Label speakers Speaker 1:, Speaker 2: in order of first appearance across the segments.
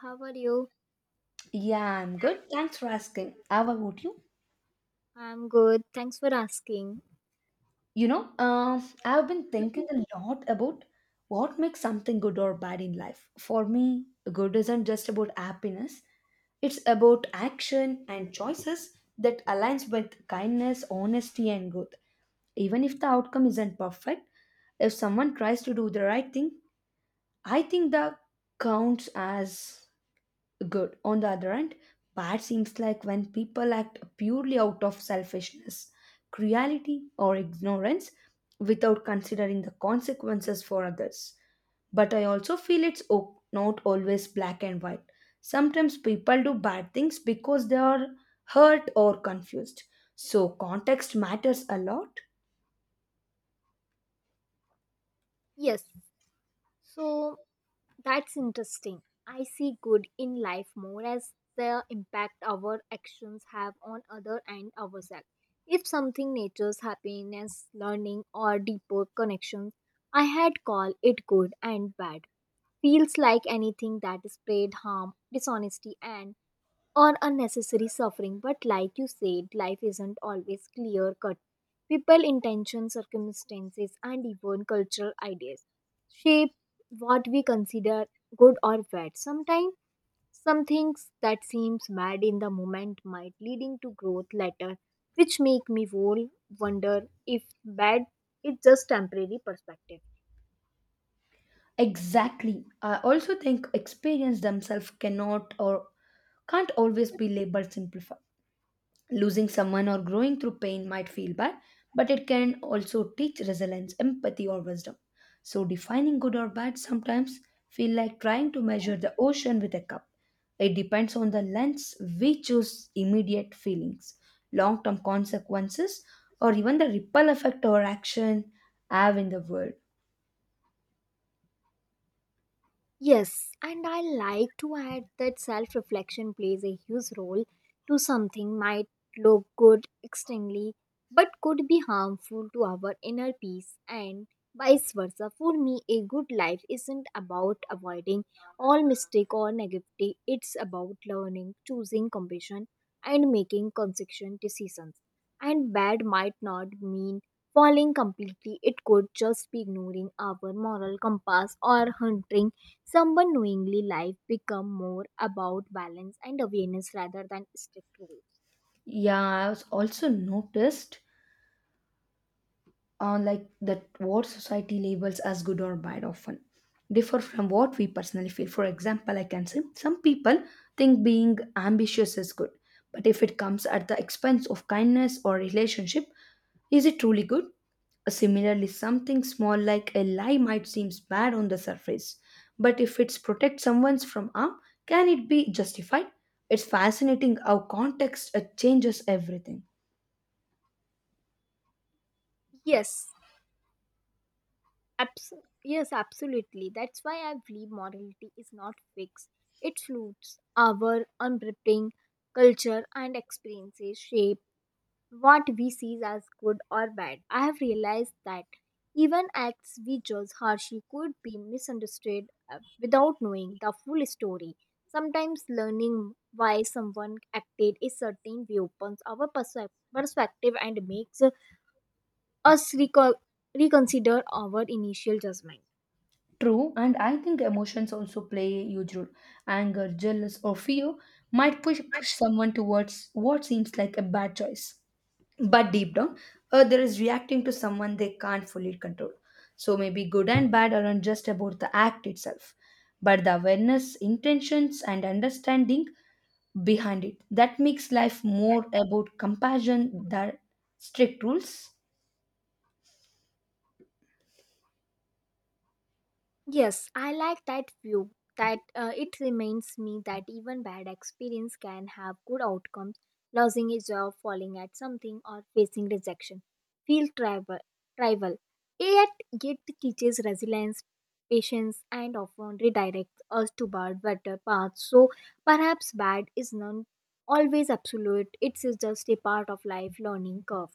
Speaker 1: How are you?
Speaker 2: Yeah, I'm good. Thanks for asking. How about you?
Speaker 1: I'm good. Thanks for asking.
Speaker 2: I've been thinking a lot about what makes something good or bad in life. For me, good isn't just about happiness. It's about action and choices that aligns with kindness, honesty, and growth. Even if the outcome isn't perfect, if someone tries to do the right thing, I think that counts as good. On the other hand, bad seems like when people act purely out of selfishness, cruelty, or ignorance without considering the consequences for others. But I also feel not always black and white. Sometimes people do bad things because they are hurt or confused. So, context matters a lot.
Speaker 1: Yes. So that's interesting. I see good in life more as the impact our actions have on other and ourselves. If something nature's happiness, learning or deeper connections, I had call it good and bad. Feels like anything that spread harm, dishonesty and or unnecessary suffering. But like you said, life isn't always clear cut. People, intentions, circumstances, and even cultural ideas shape what we consider good or bad. Sometimes some things that seems bad in the moment might leading to growth later, which make me whole wonder if bad is just temporary perspective.
Speaker 2: Exactly. I also think experience themselves cannot or can't always be labeled simplified losing someone or growing through pain might feel bad, but it can also teach resilience, empathy, or wisdom. So, defining good or bad sometimes feel like trying to measure the ocean with a cup. It depends on the lens we choose immediate feelings, long term consequences, or even the ripple effect our action have in the world.
Speaker 1: Yes, and I like to add that self reflection plays a huge role to something might look good externally but could be harmful to our inner peace and vice versa. For me, a good life isn't about avoiding all mistake or negativity. It's about learning, choosing compassion and making consistent decisions. And bad might not mean falling completely. It could just be ignoring our moral compass or hunting some knowingly life become more about balance and awareness rather than strict rules.
Speaker 2: Yeah, I was also noticed like that what society labels as good or bad often differ from what we personally feel, for example, I can say some people think being ambitious is good, but if it comes at the expense of kindness or relationship, is it truly good? Similarly, something small like a lie might seem bad on the surface, but if it protects someone from harm, can it be justified? It's fascinating how context changes everything.
Speaker 1: Yes, abs- yes, absolutely. That's why I believe morality is not fixed. It floats our unwrapping culture and experiences shape what we see as good or bad. I have realized that even acts we judge harshly could be misunderstood without knowing the full story. Sometimes learning why someone acted a certain way opens our perspective and makes us reconsider our initial judgment.
Speaker 2: True, and I think emotions also play a huge role. Anger, jealous, or fear might push someone towards what seems like a bad choice. But deep down, other is reacting to someone they can't fully control. So maybe good and bad aren't just about the act itself, but the awareness, intentions, and understanding behind it. That makes life more about compassion than strict rules.
Speaker 1: Yes, I like that view that it reminds me that even bad experience can have good outcomes. Losing a job, falling at something, or facing rejection feel tribal. Yet, it teaches resilience, patience, and often redirects us toward better paths. So, perhaps bad is not always absolute. It is just a part of life learning curve.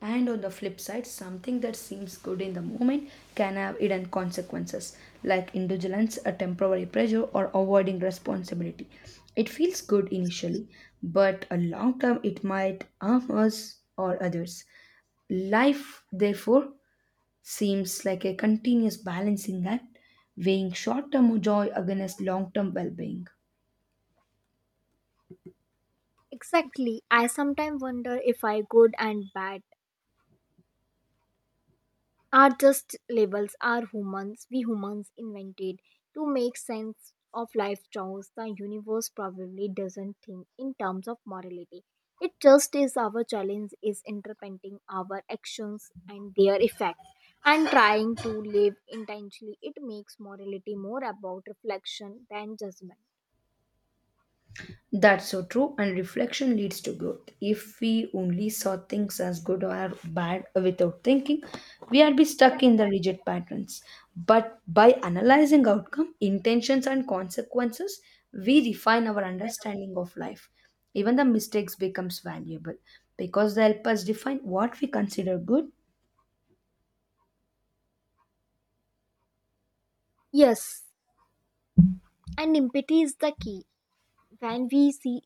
Speaker 2: And on the flip side, something that seems good in the moment can have hidden consequences, like indulgence, a temporary pressure, or avoiding responsibility. It feels good initially, but a long term it might harm us or others. Life, therefore, seems like a continuous balancing act, weighing short term joy against long term well being.
Speaker 1: Exactly. I sometimes wonder if I good and bad are just labels are humans we humans invented to make sense of life choice. The universe probably doesn't think in terms of morality, it just is. Our challenge is interpreting our actions and their effects and trying to live intentionally. It makes morality more about reflection than judgment.
Speaker 2: That's so true, and reflection leads to growth. If we only saw things as good or bad without thinking, we'd be stuck in the rigid patterns. But by analyzing outcome, intentions, and consequences, we refine our understanding of life. Even the mistakes becomes valuable because they help us define what we consider good.
Speaker 1: Yes, and empathy is the key. When we see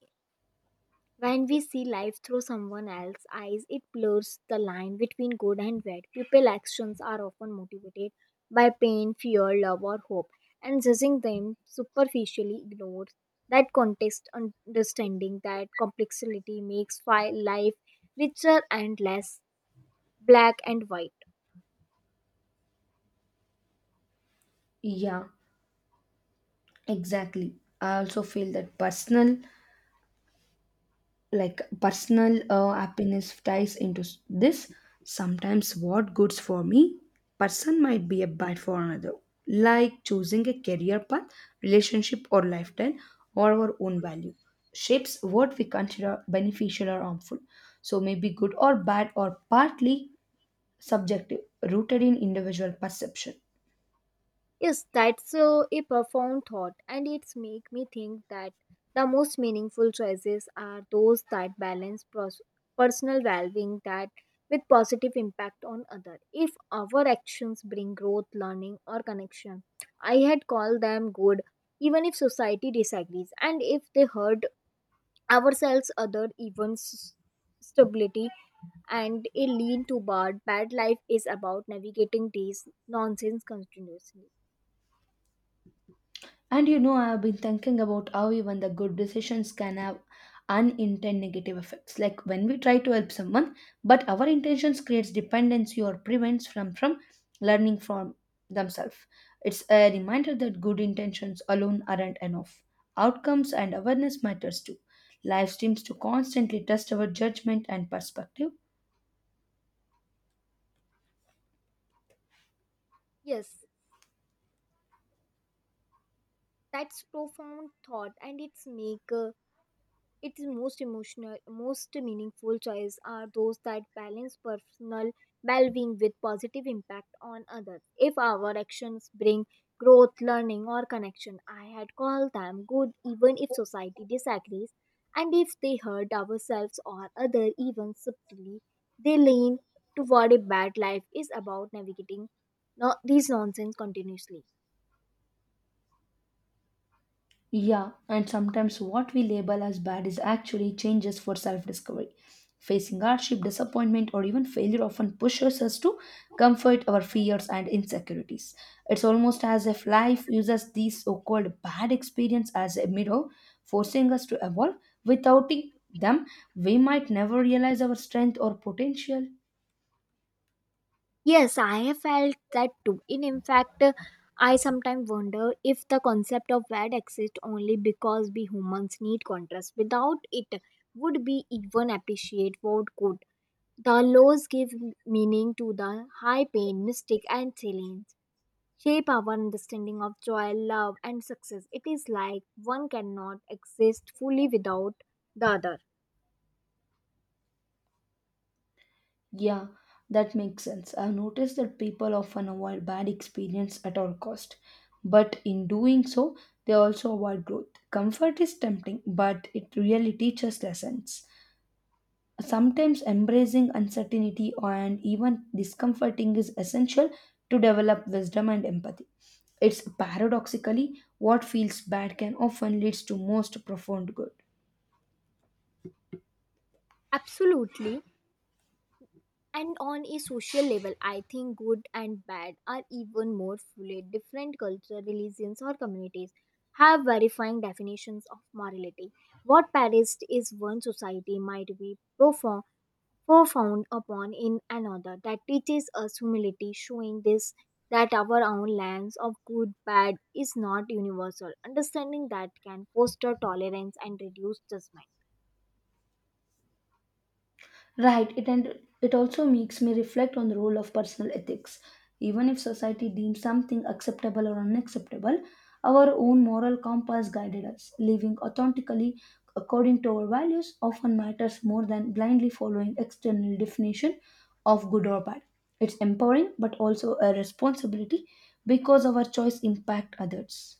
Speaker 1: When we see life through someone else's eyes, it blurs the line between good and bad. People's actions are often motivated by pain, fear, love, or hope, and judging them superficially ignores that context. Understanding that complexity makes life richer and less black and white.
Speaker 2: Yeah, exactly. I also feel that personal happiness ties into this sometimes what goods for me person might be a bad for another, like choosing a career path, relationship or lifestyle, or our own value shapes what we consider beneficial or harmful. So maybe good or bad or partly subjective, rooted in individual perception.
Speaker 1: Yes, that's a profound thought, and it's make me think that the most meaningful choices are those that balance personal valuing that with positive impact on other. If our actions bring growth, learning, or connection, I had called them good, even if society disagrees, and if they hurt ourselves, other, even stability, and a lean to bad, bad life is about navigating these nonsense continuously.
Speaker 2: And you know, I've been thinking about how even the good decisions can have unintended negative effects. Like when we try to help someone, but our intentions creates dependency or prevents from learning from themselves. It's a reminder that good intentions alone aren't enough. Outcomes and awareness matters too. Life seems to constantly test our judgment and perspective.
Speaker 1: Yes. That's profound thought, and its make its most meaningful choice are those that balance personal well-being with positive impact on others. If our actions bring growth, learning, or connection, I had called them good, even if society disagrees, and if they hurt ourselves or other even subtly, they lean toward a bad life is about navigating, no, these nonsense continuously.
Speaker 2: Yeah, and sometimes what we label as bad is actually changes for self discovery. Facing hardship, disappointment, or even failure often pushes us to comfort our fears and insecurities. It's almost as if life uses these so called bad experience as a mirror, forcing us to evolve. Without it- them, we might never realize our strength or potential.
Speaker 1: Yes, I have felt that too. And in fact, I sometimes wonder if the concept of bad exists only because we humans need contrast. Without it, would we even appreciate what good? The laws give meaning to the high pain, mistake, and silence, shape our understanding of joy, love, and success. It is like one cannot exist fully without the other.
Speaker 2: Yeah, that makes sense. I've noticed that people often avoid bad experience at all cost, but in doing so, they also avoid growth. Comfort is tempting, but it really teaches lessons. Sometimes embracing uncertainty and even discomforting is essential to develop wisdom and empathy. It's paradoxically what feels bad can often leads to most profound good.
Speaker 1: Absolutely. And on a social level, I think good and bad are even more fluid. Different cultures, religions, or communities have verifying definitions of morality. What perished is one society might be profound upon in another. That teaches us humility, showing this that our own lens of good bad is not universal. Understanding that can foster tolerance and reduce judgment.
Speaker 2: Right, it also makes me reflect on the role of personal ethics. Even if society deems something acceptable or unacceptable, our own moral compass guided us. Living authentically according to our values often matters more than blindly following external definition of good or bad. It's empowering but also a responsibility because our choice impact others.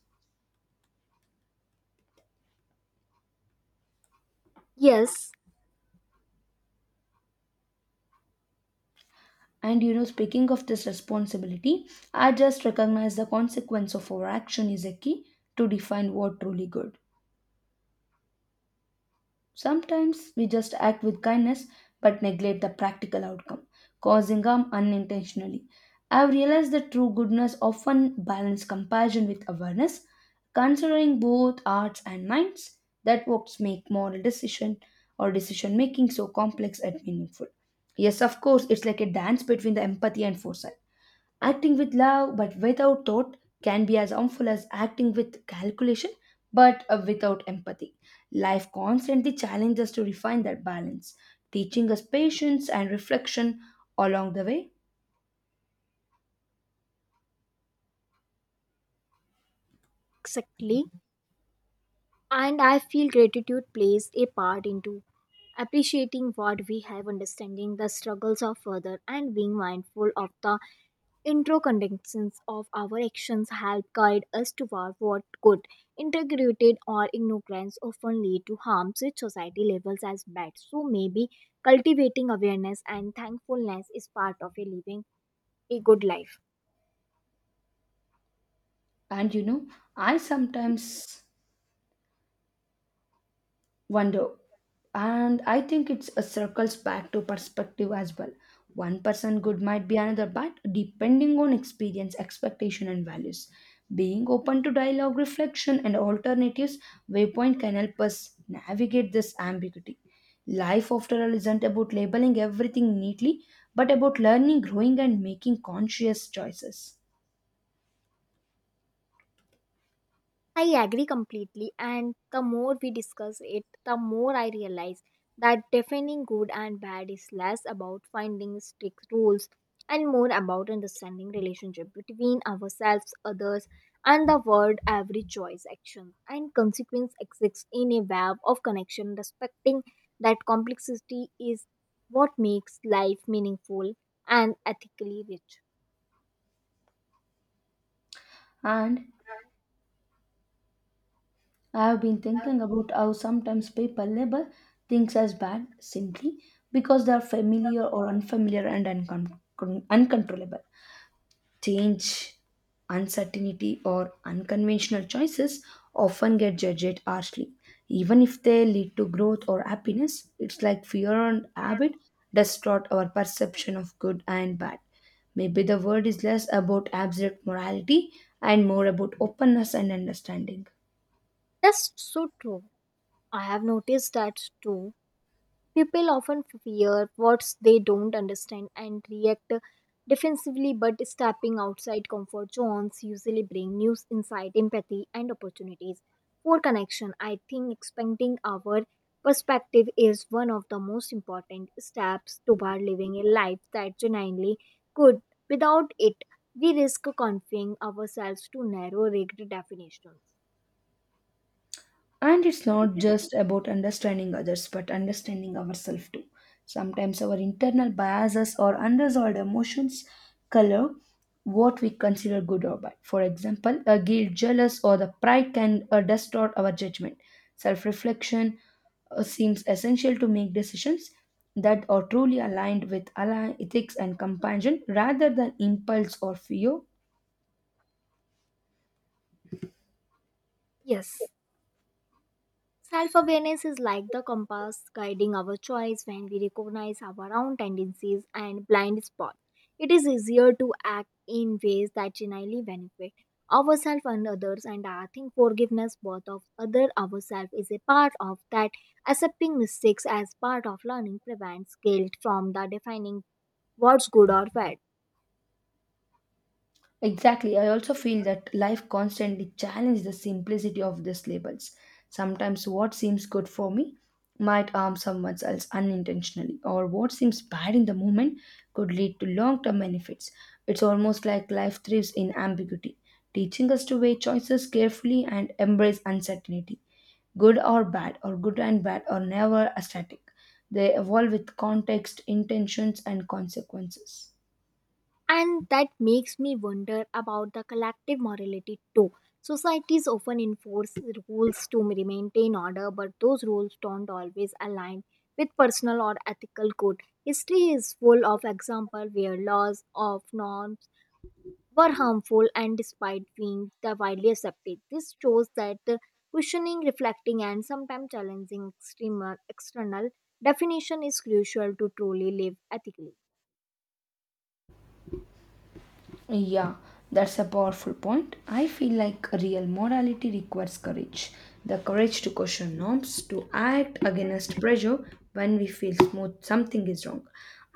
Speaker 1: Yes,
Speaker 2: And you know, speaking of this responsibility, I just recognize the consequence of our action is a key to define what truly good. Sometimes we just act with kindness but neglect the practical outcome, causing harm unintentionally. I've realized that true goodness often balances compassion with awareness, considering both hearts and minds. That works make moral decision or decision making so complex and meaningful. Yes, of course, it's like a dance between the empathy and foresight. Acting with love but without thought can be as harmful as acting with calculation but without empathy. Life constantly challenges us to refine that balance, teaching us patience and reflection along the way.
Speaker 1: exactly, and I feel gratitude plays a part into appreciating what we have, understanding the struggles of others, and being mindful of the interconnections of our actions help guide us toward what good. Integrity or ignorance often lead to harms which society labels as bad. So maybe cultivating awareness and thankfulness is part of a living a good life.
Speaker 2: And you know, I sometimes wonder, and I think it's a circles back to perspective as well. One person good might be another bad depending on experience, expectation and values. Being open to dialogue, reflection and alternatives waypoint can help us navigate this ambiguity. Life, after all, isn't about labeling everything neatly, but about learning, growing and making conscious choices.
Speaker 1: I agree completely, and the more we discuss it, the more I realize that defining good and bad is less about finding strict rules and more about understanding relationship between ourselves, others, and the world. Every choice, action, and consequence exists in a web of connection. Respecting that complexity is what makes life meaningful and ethically rich.
Speaker 2: And I have been thinking about how sometimes people label things as bad simply because they are familiar or unfamiliar and uncontrollable. Change, uncertainty, or unconventional choices often get judged harshly. Even if they lead to growth or happiness, it's like fear and habit distort our perception of good and bad. Maybe the word is less about abstract morality and more about openness and understanding.
Speaker 1: That's so true. I have noticed that too. People often fear what they don't understand and react defensively, but stepping outside comfort zones usually bring new insight, empathy, and opportunities for connection. I think expanding our perspective is one of the most important steps toward living a life that genuinely good. Without it, we risk confining ourselves to narrow rigged definitions.
Speaker 2: And it's not just about understanding others, but understanding ourselves too. Sometimes our internal biases or unresolved emotions color what we consider good or bad. For example, a guilt, jealous, or the pride can distort our judgment. Self reflection seems essential to make decisions that are truly aligned with align ethics and compassion rather than impulse or fear.
Speaker 1: Yes. Self awareness is like the compass guiding our choice when we recognize our own tendencies and blind spots. It is easier to act in ways that genuinely benefit ourselves and others, and I think forgiveness both of other ourselves is a part of that. Accepting mistakes as part of learning prevents guilt from the defining what's good or bad.
Speaker 2: Exactly. I also feel that life constantly challenges the simplicity of these labels. Sometimes what seems good for me might harm someone else unintentionally, or what seems bad in the moment could lead to long term benefits. It's almost like life thrives in ambiguity, teaching us to weigh choices carefully and embrace uncertainty. Good or bad, or good and bad, are never static. They evolve with context, intentions, and consequences.
Speaker 1: And that makes me wonder about the collective morality too. Societies often enforce rules to maintain order, but those rules don't always align with personal or ethical code. History is full of examples where laws of norms were harmful and despite being the widely accepted. This shows that questioning, reflecting, and sometimes challenging external definition is crucial to truly live ethically.
Speaker 2: Yeah, that's a powerful point. I feel like real morality requires courage. The courage to question norms, to act against pressure when we feel smooth something is wrong,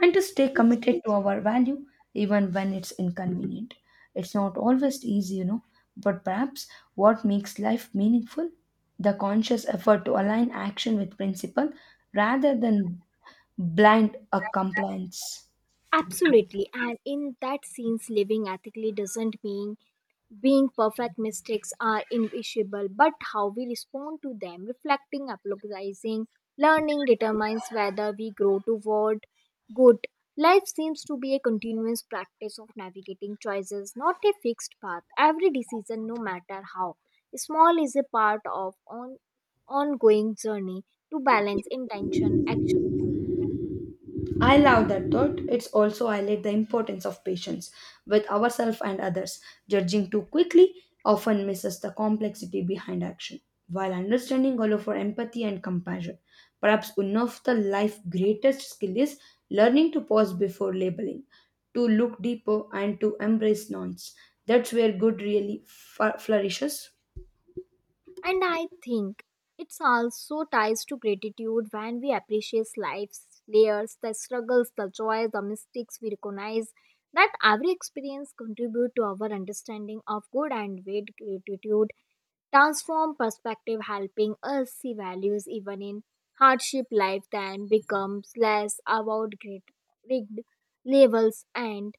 Speaker 2: and to stay committed to our value even when it's inconvenient. It's not always easy, you know, but perhaps what makes life meaningful? The conscious effort to align action with principle rather than blind a compliance.
Speaker 1: Absolutely. And in that sense, living ethically doesn't mean being perfect. Mistakes are invisible, but how we respond to them, reflecting, apologizing, learning determines whether we grow toward good. Life seems to be a continuous practice of navigating choices, not a fixed path. Every decision, no matter how small, is a part of an ongoing journey to balance intention, action, and.
Speaker 2: I love that thought. It's also highlight the importance of patience with ourselves and others. Judging too quickly often misses the complexity behind action, while understanding all of our empathy and compassion. Perhaps one of the life's greatest skill is learning to pause before labeling, to look deeper and to embrace nuance. That's where good really flourishes.
Speaker 1: And I think it's also ties to gratitude when we appreciate life's layers, the struggles, the joys, the mistakes we recognize that every experience contribute to our understanding of good and bad. Gratitude transform perspective, helping us see values even in hardship. Life then becomes less about great rigged labels and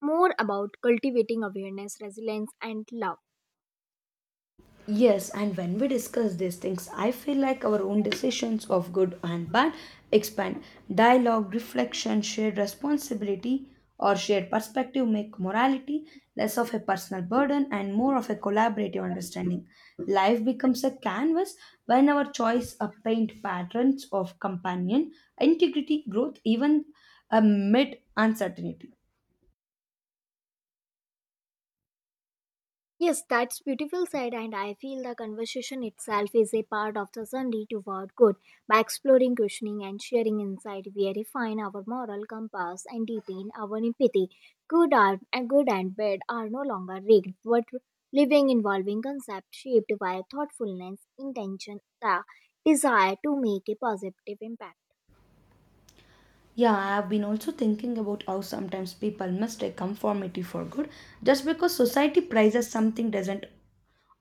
Speaker 1: more about cultivating awareness, resilience and love.
Speaker 2: Yes, and when we discuss these things, I feel like our own decisions of good and bad expand. Dialogue, reflection, shared responsibility, or shared perspective make morality less of a personal burden and more of a collaborative understanding. Life becomes a canvas when our choice paint patterns of companion, integrity, growth, even amid uncertainty.
Speaker 1: Yes, that's beautiful said, and I feel the conversation itself is a part of the Sunday toward good. By exploring, questioning, and sharing insight, we refine our moral compass and deepen our empathy. Good art and good and bad are no longer rigged, but living involving concepts shaped by thoughtfulness, intention, the desire to make a positive impact.
Speaker 2: Yeah, I've been also thinking about how sometimes people mistake conformity for good. Just because society prizes something doesn't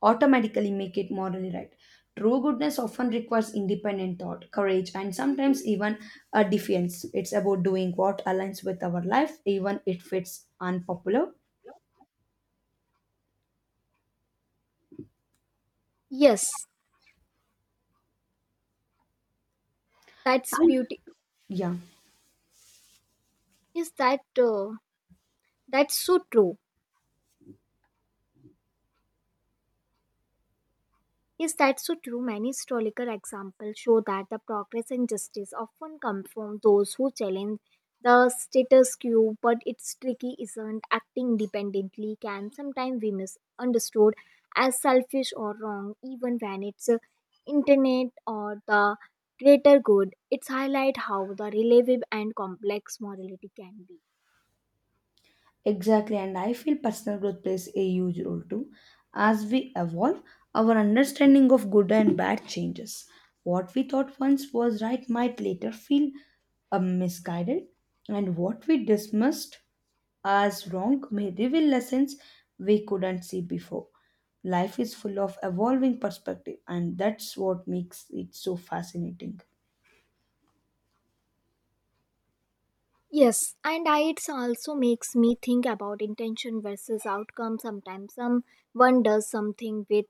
Speaker 2: automatically make it morally right. True goodness often requires independent thought, courage, and sometimes even a defiance. It's about doing what aligns with our life, even if it's unpopular.
Speaker 1: Yes, that's
Speaker 2: And
Speaker 1: beauty.
Speaker 2: yeah.
Speaker 1: Is that That's so true? Yes, that's so true. Many historical examples show that the progress and justice often come from those who challenge the status quo, but it's tricky, isn't acting independently can sometimes be misunderstood as selfish or wrong, even when it's internet or the greater good. It's highlight how the relative and complex morality can be.
Speaker 2: Exactly, and I feel personal growth plays a huge role too. As we evolve, our understanding of good and bad changes. What we thought once was right might later feel misguided, and what we dismissed as wrong may reveal lessons we couldn't see before. Life is full of evolving perspective, and that's what makes it so fascinating.
Speaker 1: Yes, and it's also makes me think about intention versus outcome. Sometimes someone does something with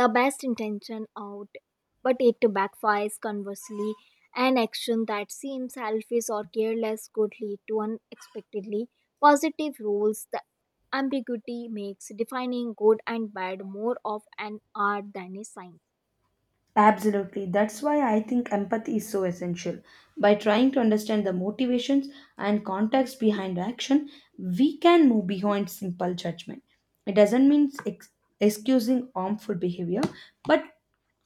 Speaker 1: the best intention out, but it backfires conversely. An action that seems selfish or careless could lead to unexpectedly positive rules. The ambiguity makes defining good and bad more of an art than a science.
Speaker 2: Absolutely. That's why I think empathy is so essential. By trying to understand the motivations and context behind action, we can move beyond simple judgment. It doesn't mean excusing harmful behavior, but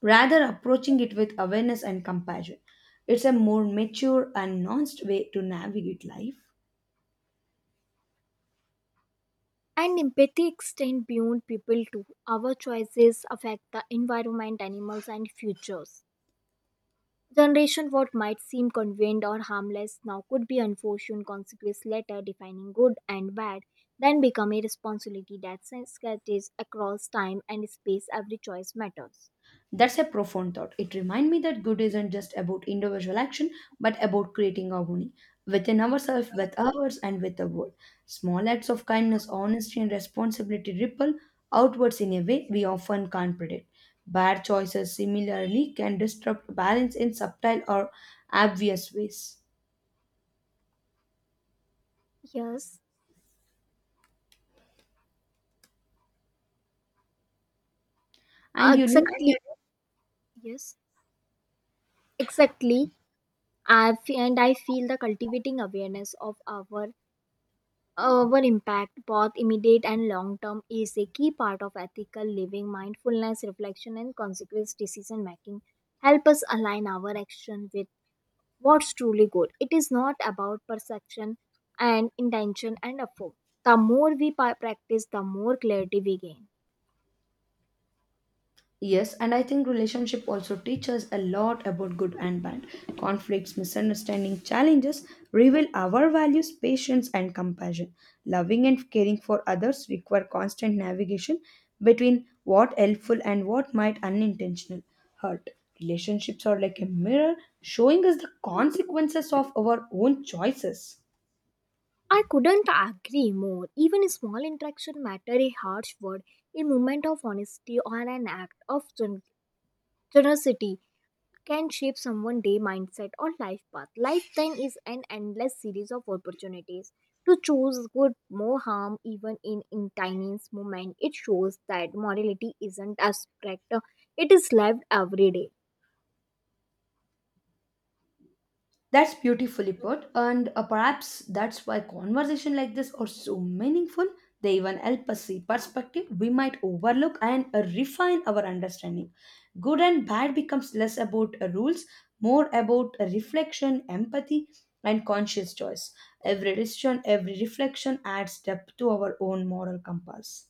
Speaker 2: rather approaching it with awareness and compassion. It's a more mature and nuanced way to navigate life.
Speaker 1: And empathy extends beyond people too. Our choices affect the environment, animals, and futures generation. What might seem convenient or harmless now could be unfortunate consequence later. Defining good and bad then become a responsibility that scatters across time and space. Every choice matters.
Speaker 2: That's a profound thought. It reminds me that good isn't just about individual action, but about creating harmony within ourselves, with others, and with the world. Small acts of kindness, honesty, and responsibility ripple outwards in a way we often can't predict. Bad choices similarly can disrupt balance in subtle or obvious ways.
Speaker 1: Yes,
Speaker 2: And you know,
Speaker 1: exactly. Yes, exactly. And I feel the cultivating awareness of our impact, both immediate and long term, is a key part of ethical living. Mindfulness, reflection and consequence decision making help us align our action with what's truly good. It is not about perception and intention and effort. The more we practice, the more clarity we gain.
Speaker 2: yes, and I think relationship also teaches a lot about good and bad. Conflicts, misunderstanding, challenges reveal our values, patience, and compassion. Loving and caring for others require constant navigation between what helpful and what might unintentional hurt. Relationships are like a mirror showing us the consequences of our own choices.
Speaker 1: I couldn't agree more. Even a small interaction matter, a harsh word, a moment of honesty, or an act of generosity can shape someone's day mindset or life path. Life then is an endless series of opportunities to choose good, more harm, even in tiniest moment. It shows that morality isn't abstract. It is lived every day.
Speaker 2: That's beautifully put, and perhaps that's why conversation like this are so meaningful. They even help us see perspective we might overlook and refine our understanding. Good and bad becomes less about rules, more about reflection, empathy, and conscious choice. Every decision, every reflection adds depth to our own moral compass.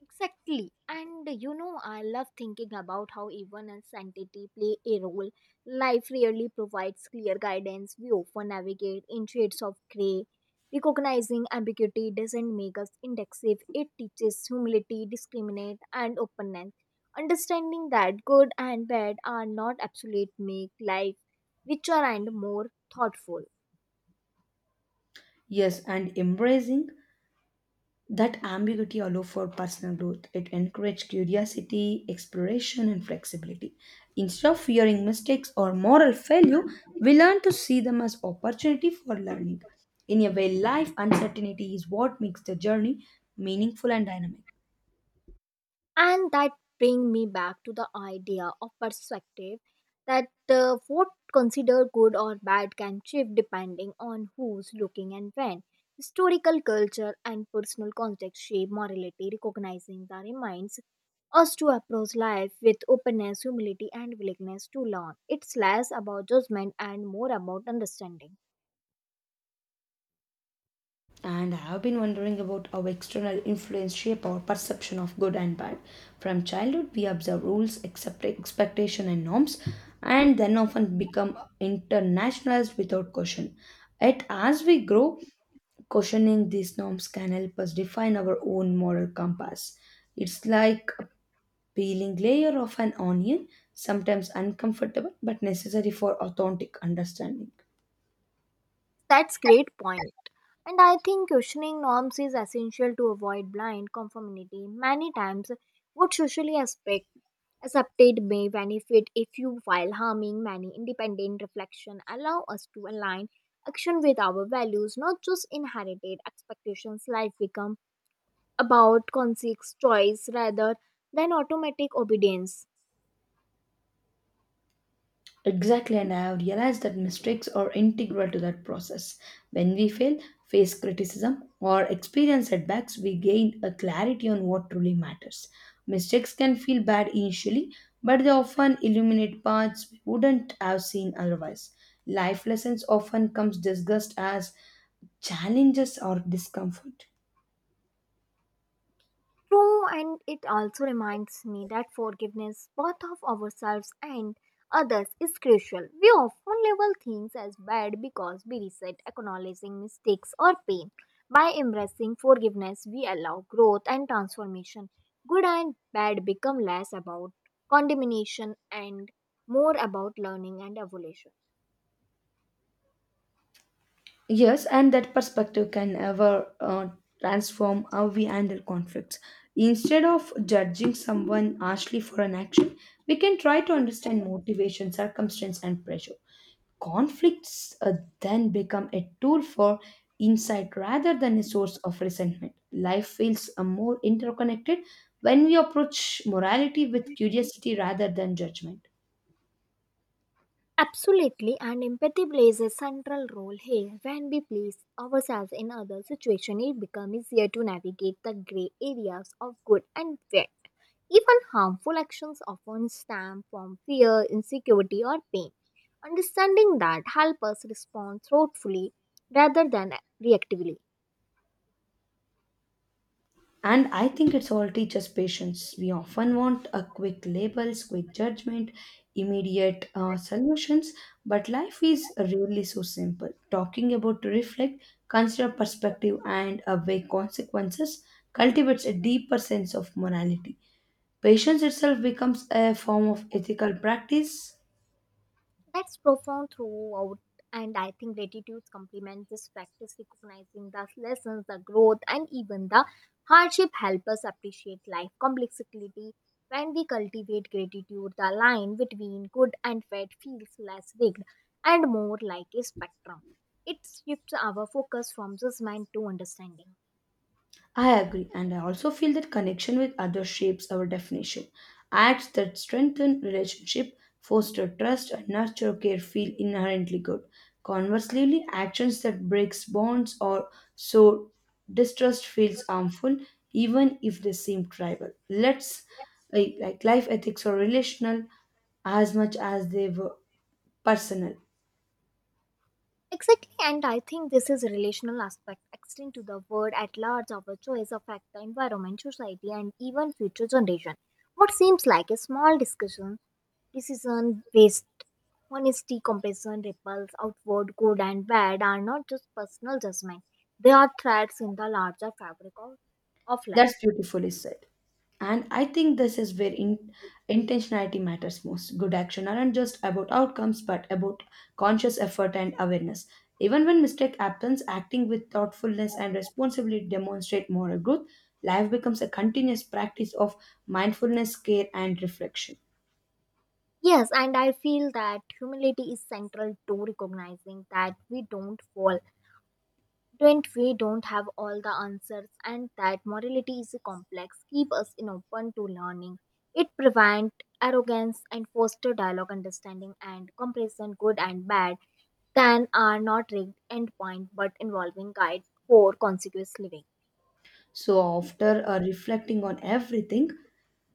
Speaker 1: Exactly. And you know, I love thinking about how even as entity play a role, life rarely provides clear guidance. We often navigate in shades of grey. Recognizing ambiguity doesn't make us indexive, it teaches humility, discriminate, and openness. Understanding that good and bad are not absolute make life richer and more thoughtful.
Speaker 2: Yes, and embracing that ambiguity allowed for personal growth. It encouraged curiosity, exploration, and flexibility. Instead of fearing mistakes or moral failure, we learn to see them as opportunity for learning. In a way, life uncertainty is what makes the journey meaningful and dynamic.
Speaker 1: And that bring me back to the idea of perspective, that what considered good or bad can shift depending on who's looking and when. Historical culture and personal context shape morality. Recognizing that reminds us to approach life with openness, humility and willingness to learn. It's less about judgment and more about understanding.
Speaker 2: And I have been wondering about how external influence shape our perception of good and bad. From childhood, we observe rules, accept expectation and norms, and then often become internationalized without caution. Yet, as we grow, questioning these norms can help us define our own moral compass. It's like a peeling layer of an onion, sometimes uncomfortable but necessary for authentic understanding.
Speaker 1: That's great point. And I think questioning norms is essential to avoid blind conformity. Many times, what socially aspect accepted may benefit if you while harming many. Independent reflection allow us to align action with our values, not just inherited expectations. Life become about conscious choice rather than automatic obedience.
Speaker 2: Exactly, and I have realized that mistakes are integral to that process. When we fail, face criticism, or experience setbacks, we gain a clarity on what truly matters. Mistakes can feel bad initially, but they often illuminate paths we wouldn't have seen otherwise. Life lessons often comes discussed as challenges or discomfort.
Speaker 1: True, and it also reminds me that forgiveness, both of ourselves and others, is crucial. We often label things as bad because we resent acknowledging mistakes or pain. By embracing forgiveness, we allow growth and transformation. Good and bad become less about condemnation and more about learning and evolution.
Speaker 2: Yes, and that perspective can ever transform how we handle conflicts. Instead of judging someone harshly for an action, we can try to understand motivation, circumstance, and pressure. Conflicts then become a tool for insight rather than a source of resentment. Life feels more interconnected when we approach morality with curiosity rather than judgment.
Speaker 1: Absolutely, and empathy plays a central role here. When we place ourselves in other situations, it becomes easier to navigate the gray areas of good and bad. Even harmful actions often stem from fear, insecurity, or pain. Understanding that helps us respond thoughtfully rather than reactively.
Speaker 2: And I think it's all teaches patience. We often want a quick labels, quick judgment, immediate solutions, but life is really so simple. Talking about to reflect, consider perspective, and weigh consequences cultivates a deeper sense of morality. Patience itself becomes a form of ethical practice.
Speaker 1: That's profound throughout, and I think gratitude complements this practice, recognizing the lessons, the growth, and even the hardship help us appreciate life complexity. When we cultivate gratitude, the line between good and bad feels less rigged and more like a spectrum. It shifts our focus from judgment to understanding.
Speaker 2: I agree, and I also feel that connection with others shapes our definition. Acts that strengthen relationship, foster trust, and nurture care feel inherently good. Conversely, actions that breaks bonds or sow distrust feels harmful, even if they seem tribal. Let's like life ethics are relational as much as they were personal.
Speaker 1: Exactly, and I think this is a relational aspect extend to the world at large. Our choice affect the environment, society, and even future generation. What seems like a small decision based honesty, comparison, ripples, outward. Good and bad are not just personal judgment. They are threads in the larger fabric of life.
Speaker 2: That's beautifully said. And I think this is where intentionality matters most. Good action aren't just about outcomes, but about conscious effort and awareness. Even when mistake happens, acting with thoughtfulness and responsibility demonstrate moral growth. Life becomes a continuous practice of mindfulness, care, and reflection.
Speaker 1: Yes, and I feel that humility is central to recognizing that we don't have all the answers, and that morality is complex. Keep us in open to learning, it prevent arrogance and foster dialogue, understanding and comparison. Good and bad can are not rigged endpoint, but involving guide for consequence living.
Speaker 2: So after reflecting on everything,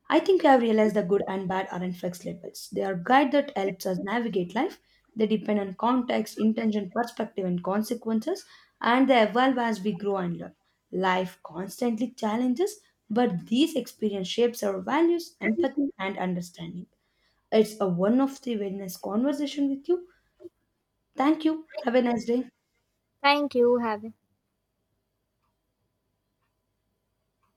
Speaker 2: I think we have realized that good and bad aren't fixed labels. They are guide that helps us navigate life. They depend on context, intention, perspective, and consequences, and they evolve as we grow and learn. Life constantly challenges, but these experience shapes our values, empathy, and understanding. It's a one of the wellness conversation with you. Thank you.
Speaker 1: thank
Speaker 2: Have a nice
Speaker 1: you
Speaker 2: day.
Speaker 1: thank you have